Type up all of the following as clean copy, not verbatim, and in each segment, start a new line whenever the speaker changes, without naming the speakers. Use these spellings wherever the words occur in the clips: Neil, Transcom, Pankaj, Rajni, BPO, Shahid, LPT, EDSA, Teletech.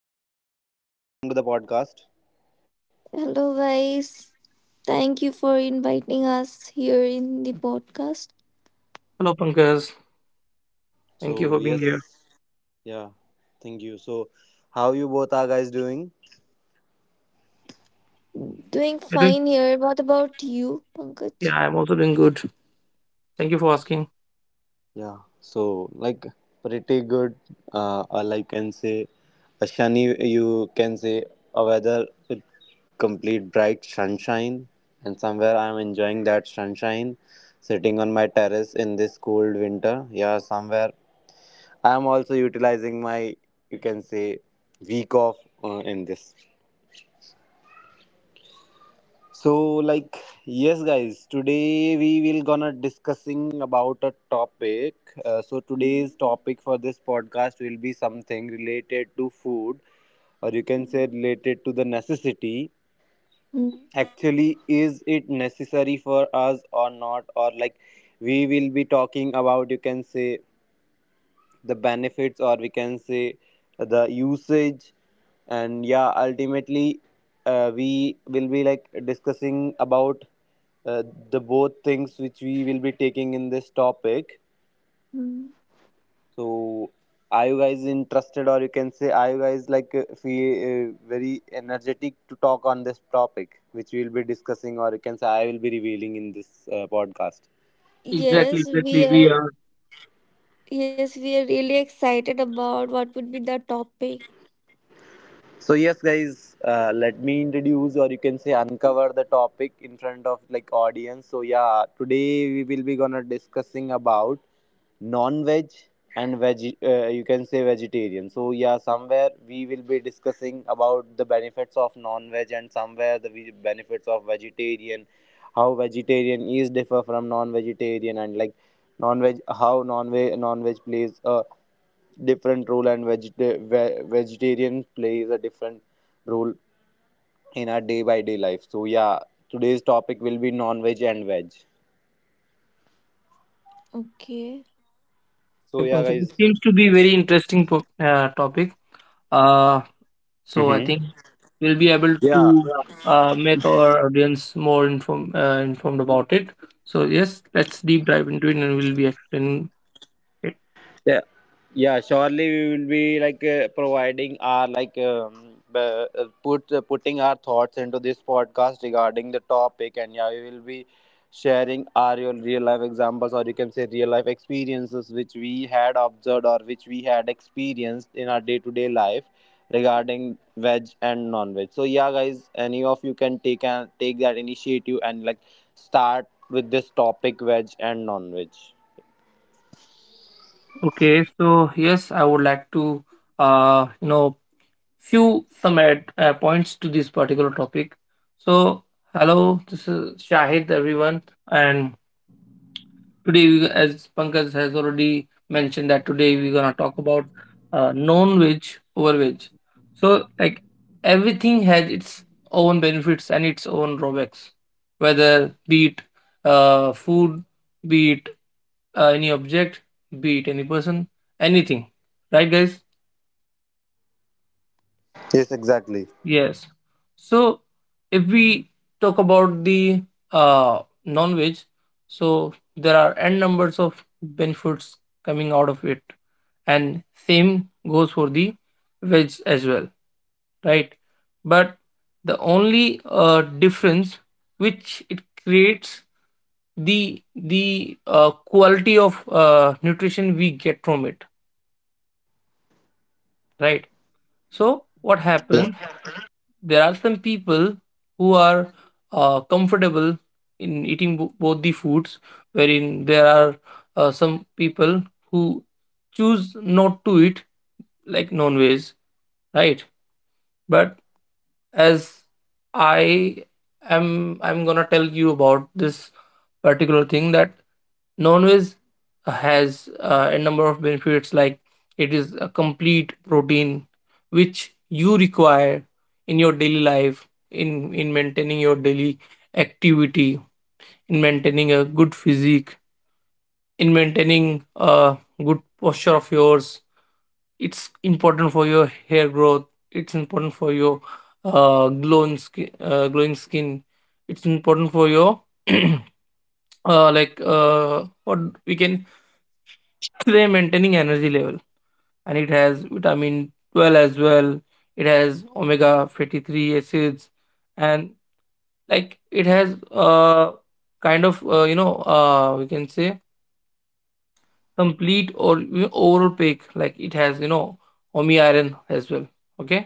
Shahid, hello Rajni, welcome to the podcast.
Hello, guys. Thank you for inviting us here in the podcast.
Hello, Pankaj. Thank you
So
for being
yes,
here.
yeah, thank you. So how you both are guys doing?
Doing
You doing?
fine here. What about you,
Yeah,
Pankaj?
I'm also doing good. Thank you for asking.
Yeah, so like pretty good. Or like can say a shiny, you can say a weather with complete bright sunshine, and somewhere I'm enjoying that sunshine, sitting on my terrace in this cold winter. Yeah, somewhere I'm also utilizing my, you can say, week off in this. So, like, yes, guys, today we will gonna discussing about a topic. So today's
Mm,
topic for this podcast will be something related to food, or you can say
mm,
related to the necessity.
mm,
Actually, is it necessary for us or not? Or like, we will be talking about, you can say, the benefits or we can say the usage, and yeah, ultimately we will be like discussing about uh, the both things which we will be taking in this topic.
mm.
So are you guys interested, or you can say are you guys like feel, very energetic to talk on this topic which we will be discussing, or you can say I will be revealing in this podcast?
Exactly,
Yes,
exactly,
we
we are.
are. Yes, we are really excited about what would be the topic.
So yes, guys, let me introduce or you can say uncover the topic in front of like audience. So yeah, today we will be gonna discussing about non-veg and veg. You can say vegetarian. So yeah, somewhere we will be discussing about the benefits of non-veg and somewhere the benefits of vegetarian, how vegetarian is differ from non-vegetarian, and like non-veg, how non-veg plays a different role and vegetarian plays a different role in our day by day life. So yeah, today's topic will be non veg and veg.
Okay.
So
Okay,
yeah,
Pankaj, it
guys,
seems to be very interesting topic. Uh, so I
mm-hmm,
think we'll be able to
yeah.
make our audience more informed about it. So yes, let's deep dive into it, and we'll be explaining it.
Yeah, surely we will be like providing our like put putting our thoughts into this podcast regarding the topic, and yeah, we will be sharing our real, real life examples, or you can say real life experiences which we had observed or which we had experienced in our day to day life regarding
Mm,
veg and non veg. So yeah, guys, any of you can take and take that initiative and like start with this topic veg and non veg.
Okay, so yes, I would like to, uh, you know, few some add points to this particular topic. So, hello, this is Shahid, everyone, and today, as Pankaj has already mentioned, that today we're gonna talk about non-veg over veg. So, like, everything has its own benefits and its own drawbacks, whether be it food, be it any object, be it any person, anything. Right, guys?
Yes, exactly.
Yes. So if we talk about the non-veg, so there are n numbers of benefits coming out of it, and same goes for the veg as well, right? But the only difference which it creates, the quality of nutrition we get from it, right? So what
Yes.
happens? There are some people who are comfortable in eating both the foods, wherein there are some people who choose not to eat, like, non-veg, right? But as i am i'm gonna tell you about this particular thing, that non-veg has a number of benefits. Like, it is a complete protein which you require in your daily life, in maintaining your daily activity, in maintaining a good physique, in maintaining a good posture of yours. It's important for your hair growth. It's important for your glowing skin. It's important for your like what we can say maintaining energy level. And it has vitamin 12 as well. It has omega 53 acids, and like it has kind of, you know we can say complete, or, overall pack. Like, it has, omi iron as well. Okay,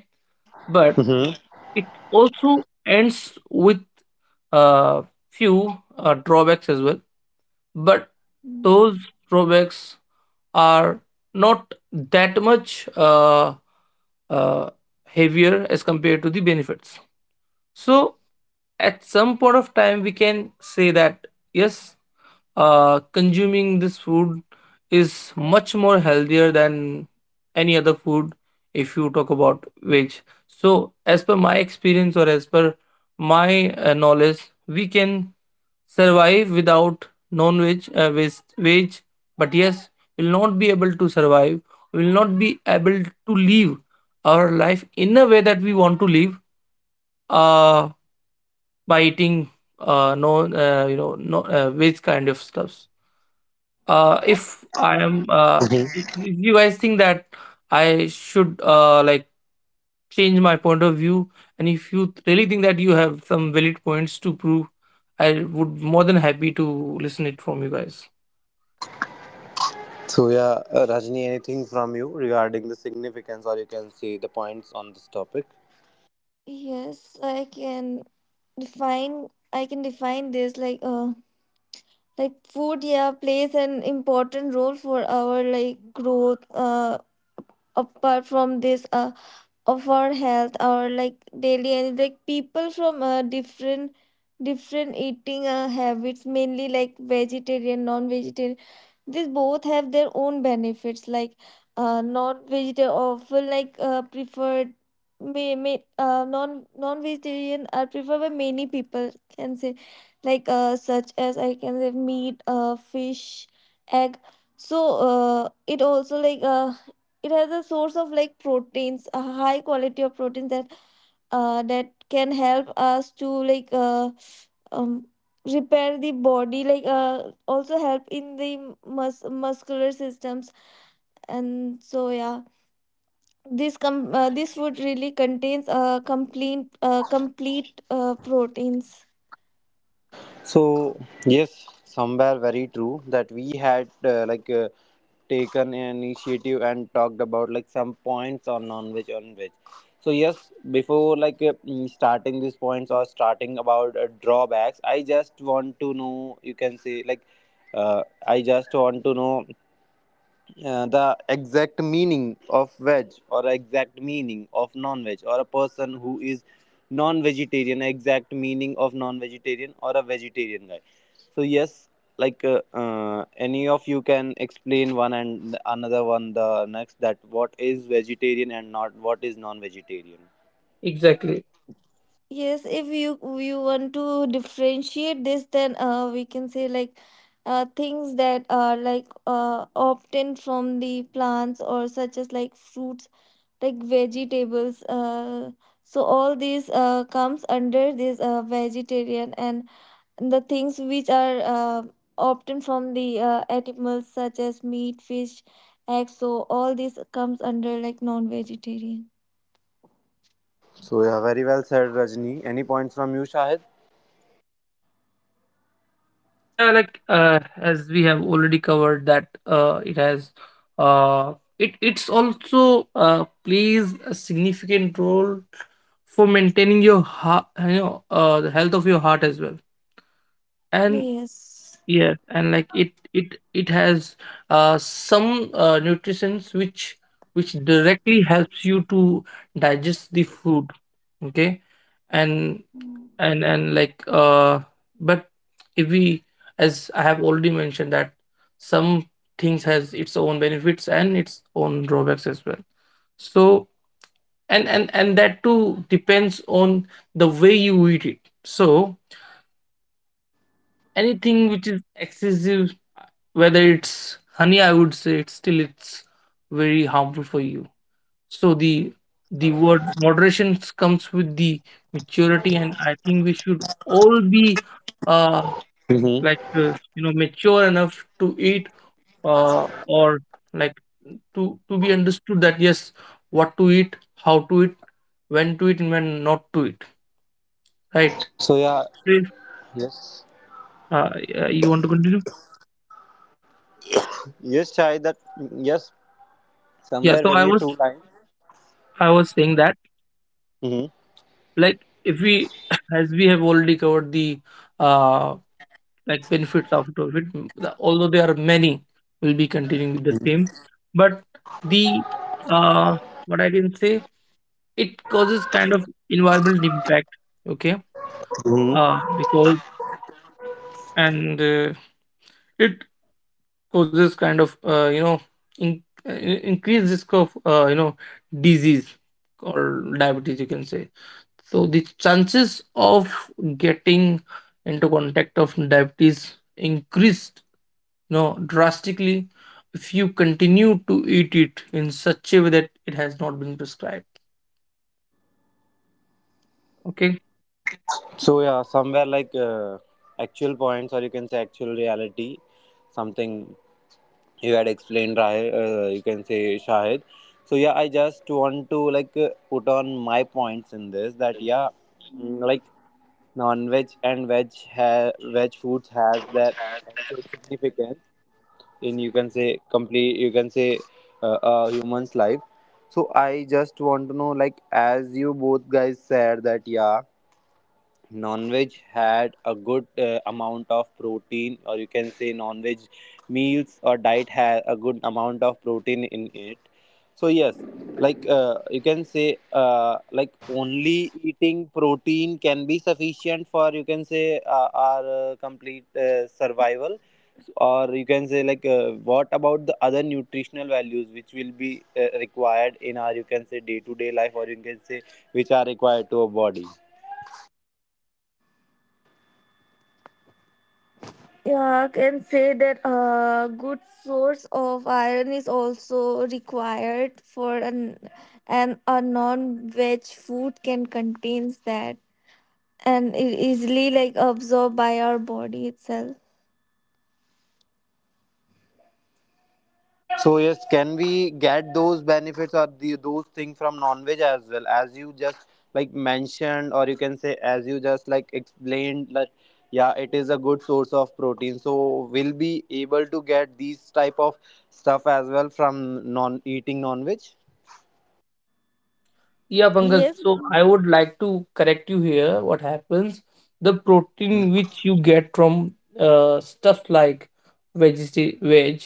but
Mm-hmm.
it also ends with a few drawbacks as well, but
mm.
those drawbacks are not that much uh, heavier as compared to the benefits. So, at some point of time, we can say that yes, consuming this food is much more healthier than any other food. If you talk about veg, so as per my experience, or as per my knowledge, we can survive without non-veg, with veg, but yes, will not be able to survive, will not be able to live our life in a way that we want to live, uh by eating no, no, veg kind of stuffs. If I am if you guys think that I should, change my point of view, and if you really think that you have some valid points to prove, I would more than happy to listen it from you guys.
So yeah, Rajni, anything from you regarding the significance, or you can say the points on this topic?
Yes, define. I can define this like food, yeah, plays an important role for our like growth, apart from this, of our health or like daily, and like people from different eating habits, mainly like vegetarian, non-vegetarian. These both have their own benefits, like non-vegetarian often like preferred. May Non-vegetarian are preferred by many people, can say, like such as I can say meat, fish, egg. So it also like it has a source of like proteins, a high quality of proteins that that can help us to like um, repair the body, like also help in the muscular systems. And so yeah, this food really contains complete proteins.
So yes, somewhere very true that we had taken an initiative and talked about like some points on non-veg on veg. So yes, before like starting these points or starting about drawbacks, I just want to know. You can say like I just want to know the exact meaning of veg, or exact meaning of non-veg, or a person who is non-vegetarian, exact meaning of non-vegetarian or a vegetarian guy. So yes, like any of you can explain one and another one the next that what is vegetarian and not what is non-vegetarian.
Exactly.
Yes, if you want to differentiate this, then we can say like things that are like obtained from the plants, or such as like fruits, like vegetables. So all these comes under this vegetarian, and the things which are obtained from the animals, such as meat, fish, eggs. So all these comes under like non-vegetarian.
So yeah, very well said, Rajni. Any points from you, Shahid?
Yeah, like, as we have already covered, that it's also plays a significant role for maintaining your heart, the health of your heart as well. And
Yes.
yeah, and like, it has some nutrients which directly helps you to digest the food. Okay. and and like But if we, as I have already mentioned, that some things has its own benefits and its own drawbacks as well. So, and that too depends on the way you eat it. So, anything which is excessive, whether it's honey, I would say it's still, it's very harmful for you. So, the word moderation comes with the maturity, and I think we should all be uh
Hmm.
mature enough to eat, uh or like, to to be understood that yes, what to eat, how to eat, when to eat, and when not to eat, right?
So yeah,
so if,
yes.
uh, uh, you want to continue.
Yes, Shahid, that yes,
Yeah, so
somewhere
i
very
was
true line.
i was saying that,
Hmm.
like, if we as we have already covered the uh benefits of it, although there are many, we'll be continuing with the same. But the, uh what I can say it causes kind of environmental impact. Okay, because, and it causes kind of, in, increased risk of, disease or diabetes, you can say. So the chances of getting into contact of diabetes increased, drastically if you continue to eat it in such a way that it has not been prescribed. Okay.
So yeah, somewhere like actual points, or you can say actual reality, something you had explained, Rahe, you can say Shahid. So yeah, I just want to like put on my points in this that yeah, like non-veg and veg veg foods has their actual significance in you can say complete you can say a human's life. So I just want to know, like as you both guys said that yeah, non-veg had a good amount of protein, or you can say non-veg meals or diet had a good amount of protein in it. So yes, like you can say like only eating protein can be sufficient for you can say our complete survival, or you can say like what about the other nutritional values which will be required in our you can say day to day life, or you can say which are required to a body?
Yeah, I can say that a good source of iron is also required for an, and a non-veg food can contains that, and easily like absorbed by our body itself.
So yes, can we get those benefits or the, those things from non-veg as well, as you just like mentioned, or you can say as you just like explained that yeah, it is a good source of protein, so we'll be able to get these type of stuff as well from non eating non-veg?
Yeah, Pankaj.
Yes,
So I would like to correct you here. What happens? The protein
Mm-hmm.
which you get from stuff like veg,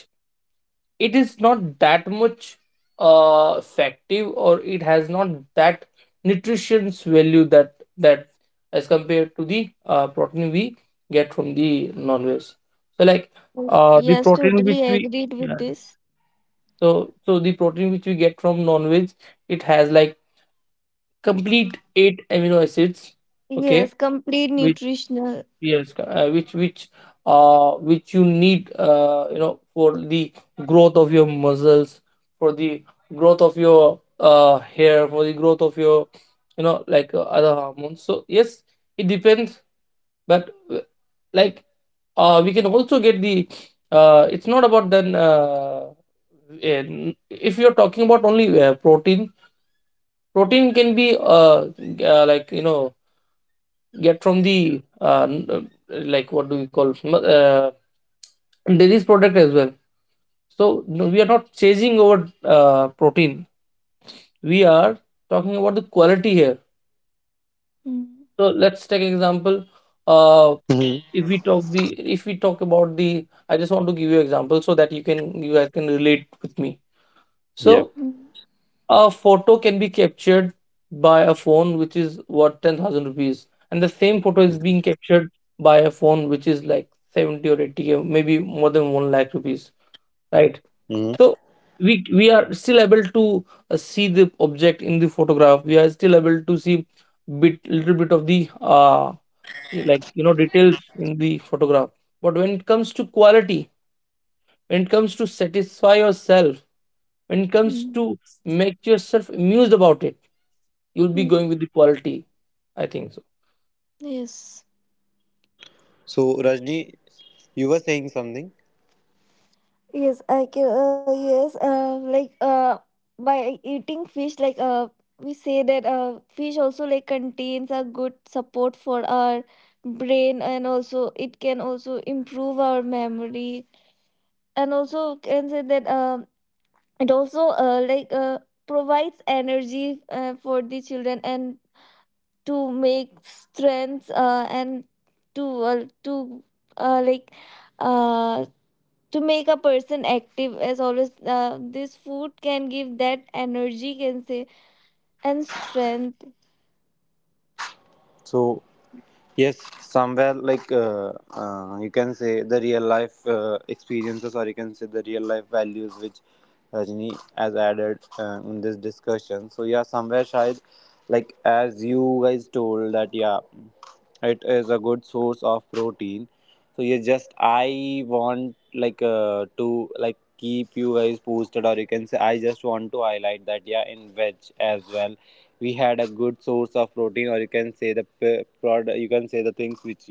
it is not that much effective, or it has not that nutrition's value that as compared to the protein we get from the non-veg. So, like,
mm,
the
yes,
protein which
totally
we —
agreed
yeah.
with this.
So the protein which we get from non-veg, it has like complete eight amino acids. Okay.
Yes, complete nutritional.
Yes, which you need, for the growth of your muscles, for the growth of your hair, for the growth of your, other hormones. So yes, it depends, but like we can also get the it's not about, then if you're talking about only protein, protein can be g- uh like you know get from the like, what do we call, dairy's product as well. So no, we are not chasing over protein. We are talking about the quality here.
Mm,
So, let's take an example. uh,
Mm-hmm.
if we talk the if we talk about the — I just want to give you example so that you guys can relate with me.
Yep.
So,
mm,
a photo can be captured by a phone which is worth 10,000 rupees, and the same photo is being captured by a phone which is like 70 or 80 or maybe more than 1 lakh rupees, right?
Hmm.
So we are still able to see the object in the photograph, we are still able to see bit little bit of the, details in the photograph. But when it comes to quality, when it comes to satisfy yourself, when it comes to
mm,
make yourself amused about it, you'll be going with
mm.
the quality, I think so.
Yes,
So Rajni, you were saying something.
yes, I can. Yes, like by eating fish, like we say that fish also like contains a good support for our brain, and also it can also improve our memory, and also can say that it also like provides energy for the children and to make strength, and to like uh, to make a person active as always. This food can give that energy, can say, and strength.
So yes, somewhere like you can say the real life experiences, or you can say the real life values which Rajni has added in this discussion. So yeah, somewhere shayad, like as you guys told that yeah, it is a good source of protein. So yeah, just I want like to like keep you guys posted, or you can say I just want to highlight that yeah, in veg as well we had a good source of protein, or you can say the product. You can say the things which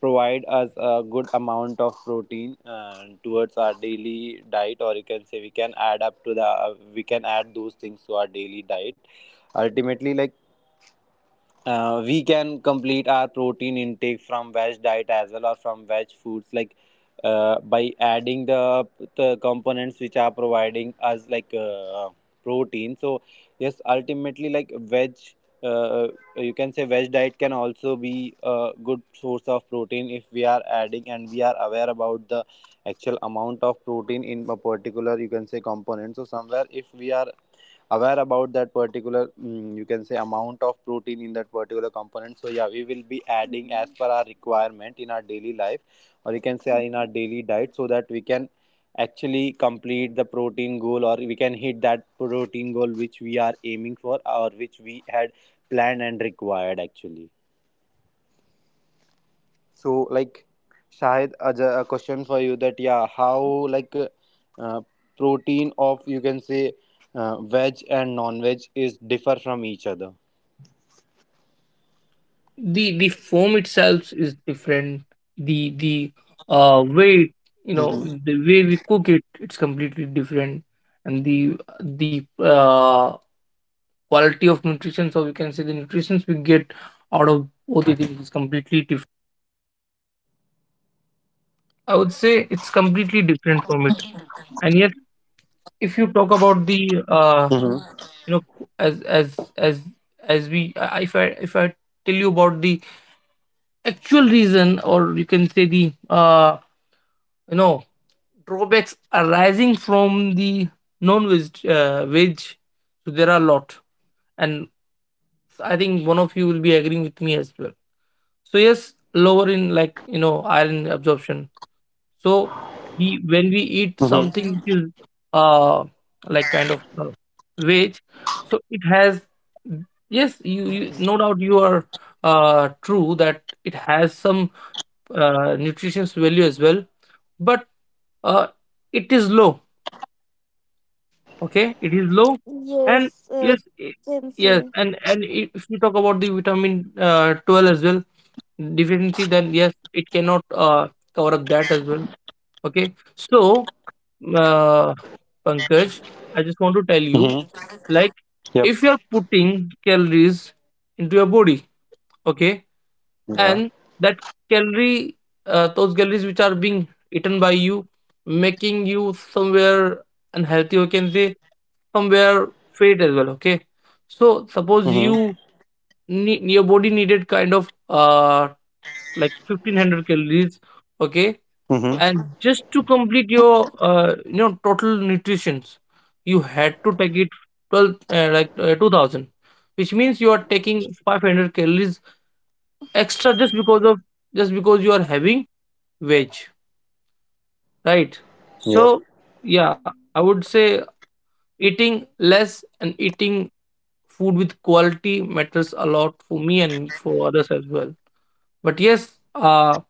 provide us a good amount of protein towards our daily diet, or you can say we can add up to the, we can add those things to our daily diet. Ultimately, like we can complete our protein intake from veg diet as well, or from veg foods like by adding the components which are providing us like protein. So yes, ultimately like veg, uh, uh, you can say veg diet can also be a good source of protein if we are adding and we are aware about the actual amount of protein in a particular you can say component. So somewhere if we are aware about that particular you can say amount of protein in that particular component, so yeah, we will be adding
Mm,
as per our requirement in our daily life, or you can say in our
mm.
daily diet, so that we can actually complete the protein goal, or we can hit that protein goal which we are aiming for, or which we had planned and required actually. So like Shahid, as a question for you that yeah, how like uh, protein of you can say veg and non-veg is differ from each other.
The foam itself is different. The the uh way you know
Mm-hmm.
the way we cook it, it's completely different. And the uh quality of nutrition, so we can say the nutrition we get out of both the things is completely different. I would say it's completely different from it. And yet, if you talk about the, you know as as as as we I- if I if I tell you about the actual reason, or you can say the, you know drawbacks arising from the non-veg, veg, so there are a lot. And I think one of you will be agreeing with me as well. So yes, lower in, iron absorption. So, we when we eat something
Mm-hmm.
which is uh like kind of uh, veg, so it has, yes, you no doubt, you are true that it has some nutritious value as well, but uh, it is low, okay, it is low. And
Yes,
yes,
can
yes,
say.
if you talk about the vitamin 12 as well deficiency, then yes, it cannot cover up that as well. Okay. So, uh, Pankaj, I just want to tell you,
Mm-hmm.
like,
Yep.
if you are putting calories into your body, okay,
Yeah.
and that calorie those calories which are being eaten by you, making you somewhere unhealthy, you can say, somewhere fat as well. Okay. So suppose
Mm-hmm.
your body needed kind of, 1,500 calories, okay, and
Mm-hmm.
just to complete your, total nutritions, you had to take it 12 uh, like uh, 2000, which means you are taking 500 calories extra, just because of, just because you are having veg, right? So
Yep.
yeah, I would say, eating less and eating food with quality matters a lot for me and for others as well. But yes,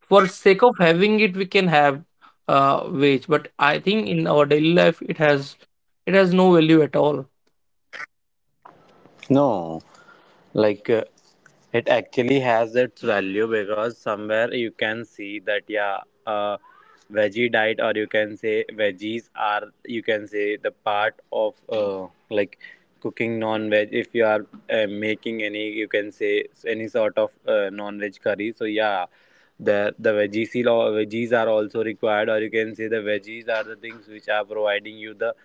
for sake of having it, we can have wage, but I think in our daily life it has no value at all.
No. Like it actually has its value because somewhere you can see that yeah, uh, veggie diet, or you can say veggies are you can say the part of like cooking non-veg. If you are making any you can say any sort of non-veg curry, so yeah, the veggies, veggies are also required, or you can say the veggies are the things which are providing you the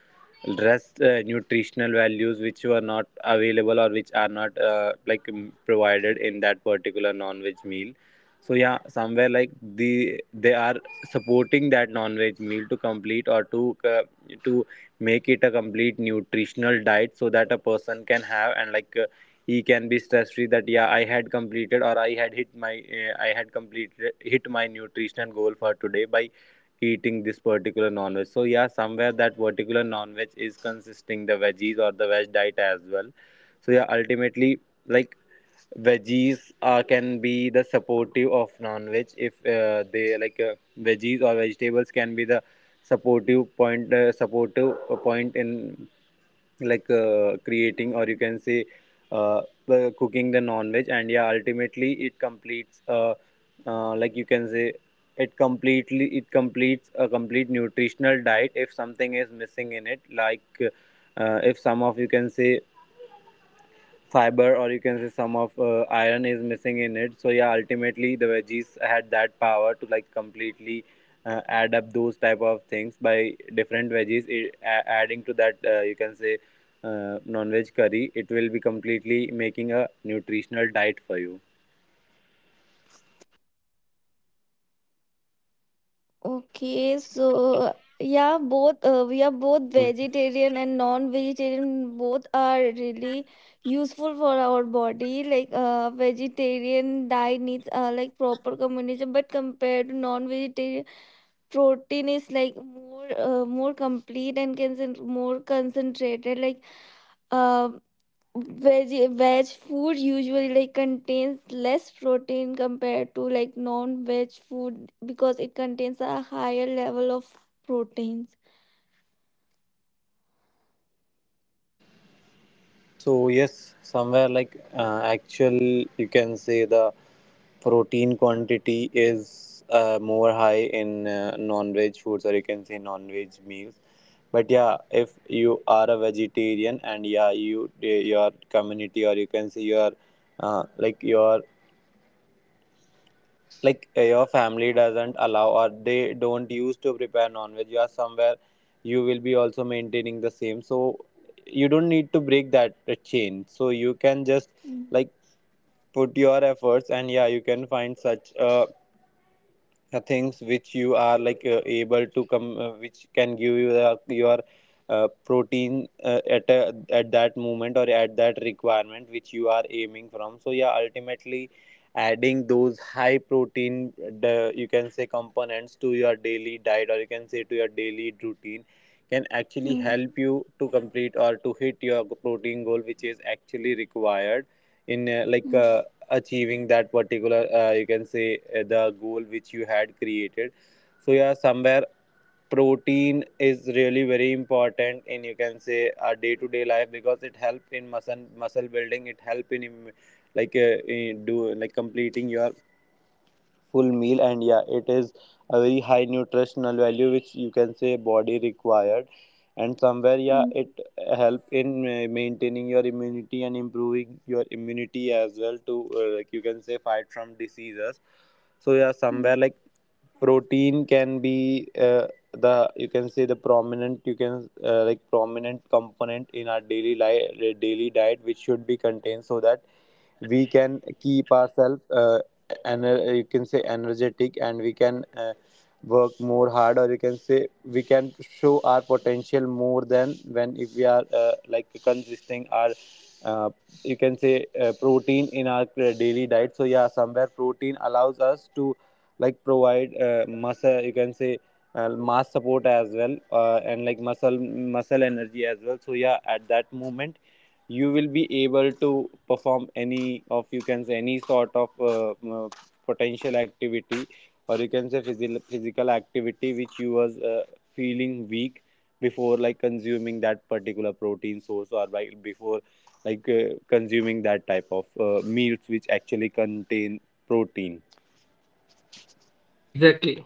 rest nutritional values which were not available, or which are not provided in that particular non-veg meal. So yeah, somewhere like they are supporting that non-veg meal to complete, or to to make it a complete nutritional diet so that a person can have, and like he can be stress free that yeah, I had completed, or I had hit my, I had completed hit my nutritional goal for today by eating this particular non-veg. So yeah, somewhere that particular non-veg is consisting the veggies or the veg diet as well. So yeah, ultimately, like veggies can be the supportive of non-veg if they like veggies or vegetables can be the supportive point, supportive point in like creating, or you can say uh, cooking the non-veg, and yeah, ultimately it completes, like you can say it completely it completes a complete nutritional diet if something is missing in it. Like if some of you can say fiber, or you can say some of iron is missing in it, so yeah, ultimately the veggies had that power to like completely add up those type of things by different veggies. It adding to that you can say non-veg curry, it will be completely making a nutritional diet for you.
Okay, so yeah, both we are both
Mm.
vegetarian and non-vegetarian. Both are really useful for our body. Like vegetarian diet needs like proper combination, but compared to non-vegetarian, protein is like more more complete and can more concentrated. Like um veg veg food usually like contains less protein compared to like non-veg food because it contains a higher level of proteins.
So yes, somewhere like actual, you can say the protein quantity is more high in non-veg foods, or you can say non-veg meals. But yeah, if you are a vegetarian and yeah, your community, or you can say your uh, like your your family doesn't allow or they don't use to prepare non-veg, you are somewhere you will be also maintaining the same, so you don't need to break that chain. So you can just
Mm,
like put your efforts, and yeah, you can find such a things which you are like able to come which can give you your protein at at that moment or at that requirement which you are aiming from. So yeah, ultimately adding those high protein you can say components to your daily diet, or you can say to your daily routine, can actually
mm,
help you to complete or to hit your protein goal, which is actually required in like
mm,
achieving that particular you can say the goal which you had created. So yeah, somewhere protein is really very important in you can say our day to day life, because it help in muscle building, it help in like in do like completing your full meal, and yeah it is a very high nutritional value which you can say body required. And somewhere yeah it
mm,
help in maintaining your immunity and improving your immunity as well to like you can say fight from diseases. So yeah,
mm,
somewhere like protein can be the you can say the prominent you can like prominent component in our daily life daily diet which should be contained, so that we can keep ourselves and you can say energetic, and we can work more hard, or you can say we can show our potential more than when if we are like consisting our uh, you can say protein in our daily diet. So yeah, somewhere protein allows us to like provide muscle you can say mass support as well and like muscle energy as well. So yeah, at that moment you will be able to perform any of you can say any sort of potential activity, or you can say physical activity, which you was feeling weak before like consuming that particular protein source, or by before like consuming that type of meals which actually contain protein.
Exactly.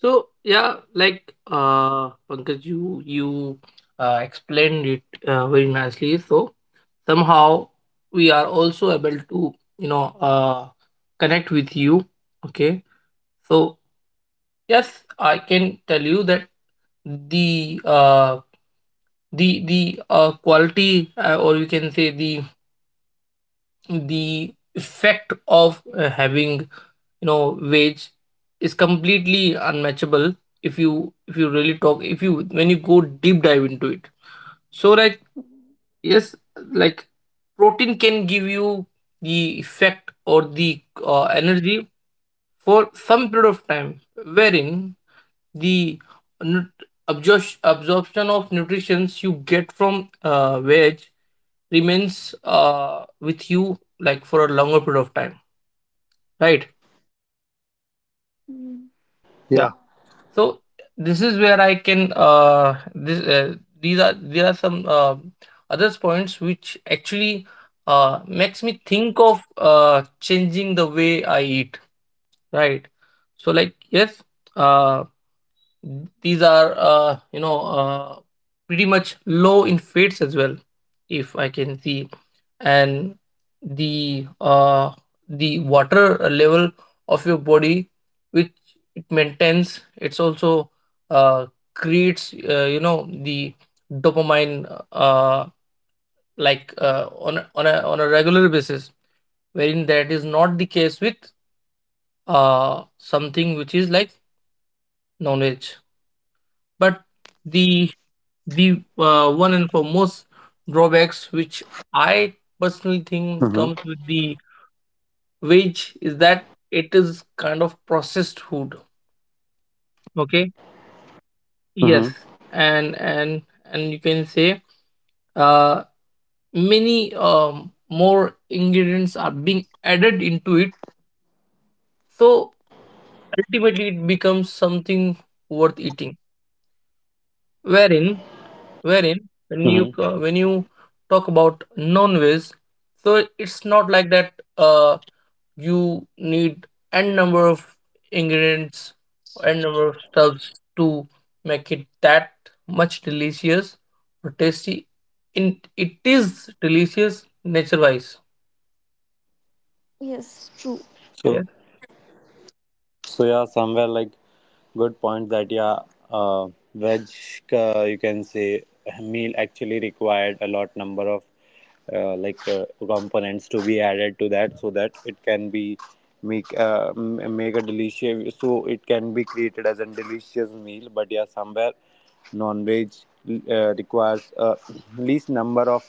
So yeah, like, Pankaj, you explained it very nicely, so somehow we are also able to, connect with you. Okay, so yes, I can tell you that the, the quality, or you can say the effect of having, wage is completely unmatchable. If you really talk, if you when you go deep dive into it. So, like, yes, like, protein can give you the effect or the energy for some period of time, wherein the absorption of nutrients you get from veg remains with you like for a longer period of time, right?
mm.
Yeah.
So this is where I can, this these are there are some others points which actually makes me think of changing the way I eat, right? So, like, yes, uh, these are, pretty much low in fates as well, if I can see. And the uh, the water level of your body which it maintains, it's also uh, creates, the dopamine, uh, on a, on a on a regular basis, wherein that is not the case with something which is like knowledge. But the, one and foremost drawbacks which I personally think comes
Mm-hmm.
with the wage is that it is kind of processed food. Okay. Yes.
Mm-hmm.
And you can say, uh many more ingredients are being added into it. So ultimately it becomes something worth eating, wherein wherein
Mm-hmm.
when you talk about non-veg, so it's not like that, you need n number of ingredients, n number of stuffs to make it that much delicious or tasty in it is delicious nature wise
Yes, true.
yeah,
so So yeah, somewhere like good point that yeah, uh, veg you can say meal actually required a lot number of like components to be added to that, so that it can be make make a delicious, so it can be created as a delicious meal. But yeah, somewhere non-veg requires least number of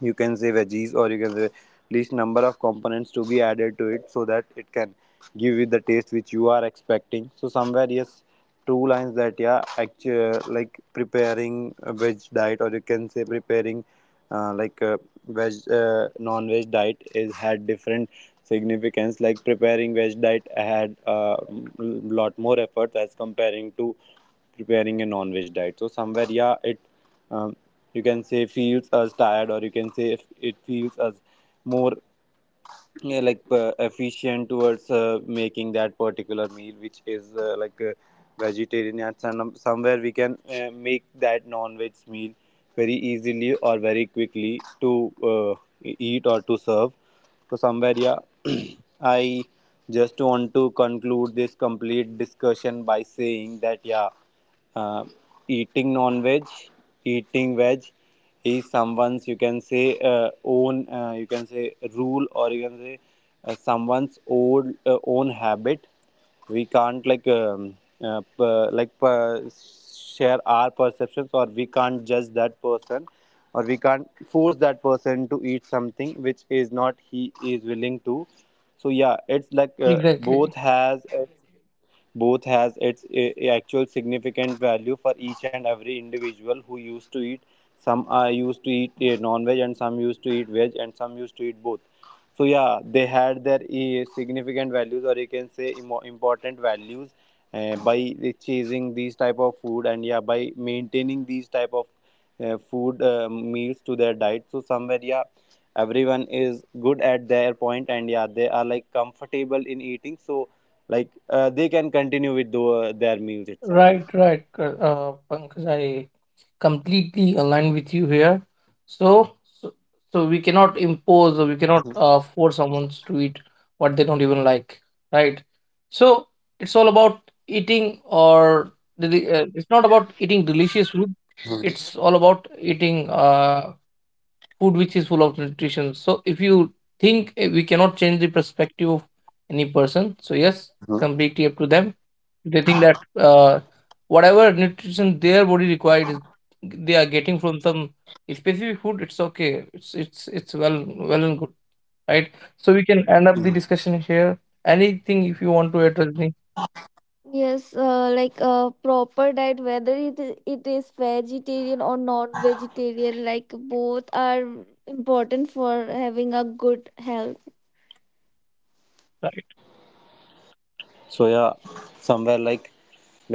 you can say veggies, or you can say least number of components to be added to it so that it can give you the taste which you are expecting. So somewhere yes two lines that yeah actually like preparing a veg diet, or you can say preparing like a veg non-veg diet is had different significance. Like preparing veg diet had a lot more efforts as comparing to preparing a non-veg diet. So somewhere yeah it um, you can say feels us tired, or you can say if it feels us more yeah, like efficient towards making that particular meal which is like vegetarian, and somewhere we can make that non-veg meal very easily or very quickly to eat or to serve. So somewhere yeah I just want to conclude this complete discussion by saying that yeah, uh, eating non-veg, eating veg is someone's you can say own you can say rule, or you can say someone's old own habit. We can't like share our perceptions, or we can't judge that person, or we can't force that person to eat something which is not he is willing to. So yeah, it's like both
exactly.
has its both has its actual significant value for each and every individual who used to eat. Some are used to eat non-veg and some used to eat veg and some used to eat both. So yeah, they had their significant values, or you can say important values by chasing these type of food, and yeah by maintaining these type of food meals to their diet. So somewhere yeah everyone is good at their point, and yeah they are like comfortable in eating, so like they can continue with their meals itself.
Right, right, Pankaj, I completely aligned with you here. So, so, so we cannot impose, or we cannot
Mhm.
force someone to eat what they don't even like, right? So, it's all about eating, or, it's not about eating delicious food. It's all about eating food which is full of nutrition. So if you think, we cannot change the perspective of any person. So yes, it's completely up to them. They think that whatever nutrition their body required is they are getting from some specific food. It's okay. It's well and good, right? So we can end up the discussion here. Anything if you want to address me?
Yes, like a proper diet, whether it is vegetarian or non-vegetarian, like both are important for having a good health.
Right.
So yeah, somewhere like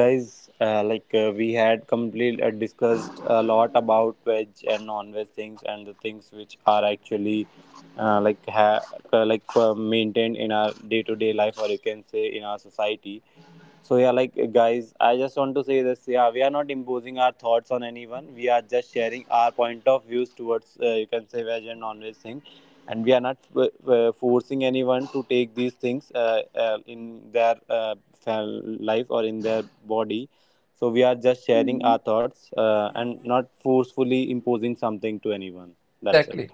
guys, like we had complete discussed a lot about veg and non-veg things and the things which are actually uh, like ha- maintained in our day-to-day life, or you can say in our society. So yeah, like guys, I just want to say this. Yeah, we are not imposing our thoughts on anyone. We are just sharing our point of views towards you can say veg and non-veg thing, and we are not forcing anyone to take these things in their fel- life or in their body. So we are just sharing
Hmm.
our thoughts and not forcefully imposing something to anyone. That's it.
Exactly.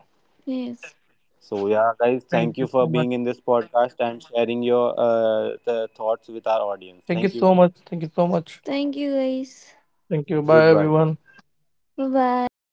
Yes,
So yeah, guys,
Thank
thank you
you
for
so much.
being in this podcast and sharing your the thoughts with our audience.
Thank you
Thank you.
so much. Thank you so much.
thank you, guys.
Thank you. Bye
Goodbye.
everyone.
Bye bye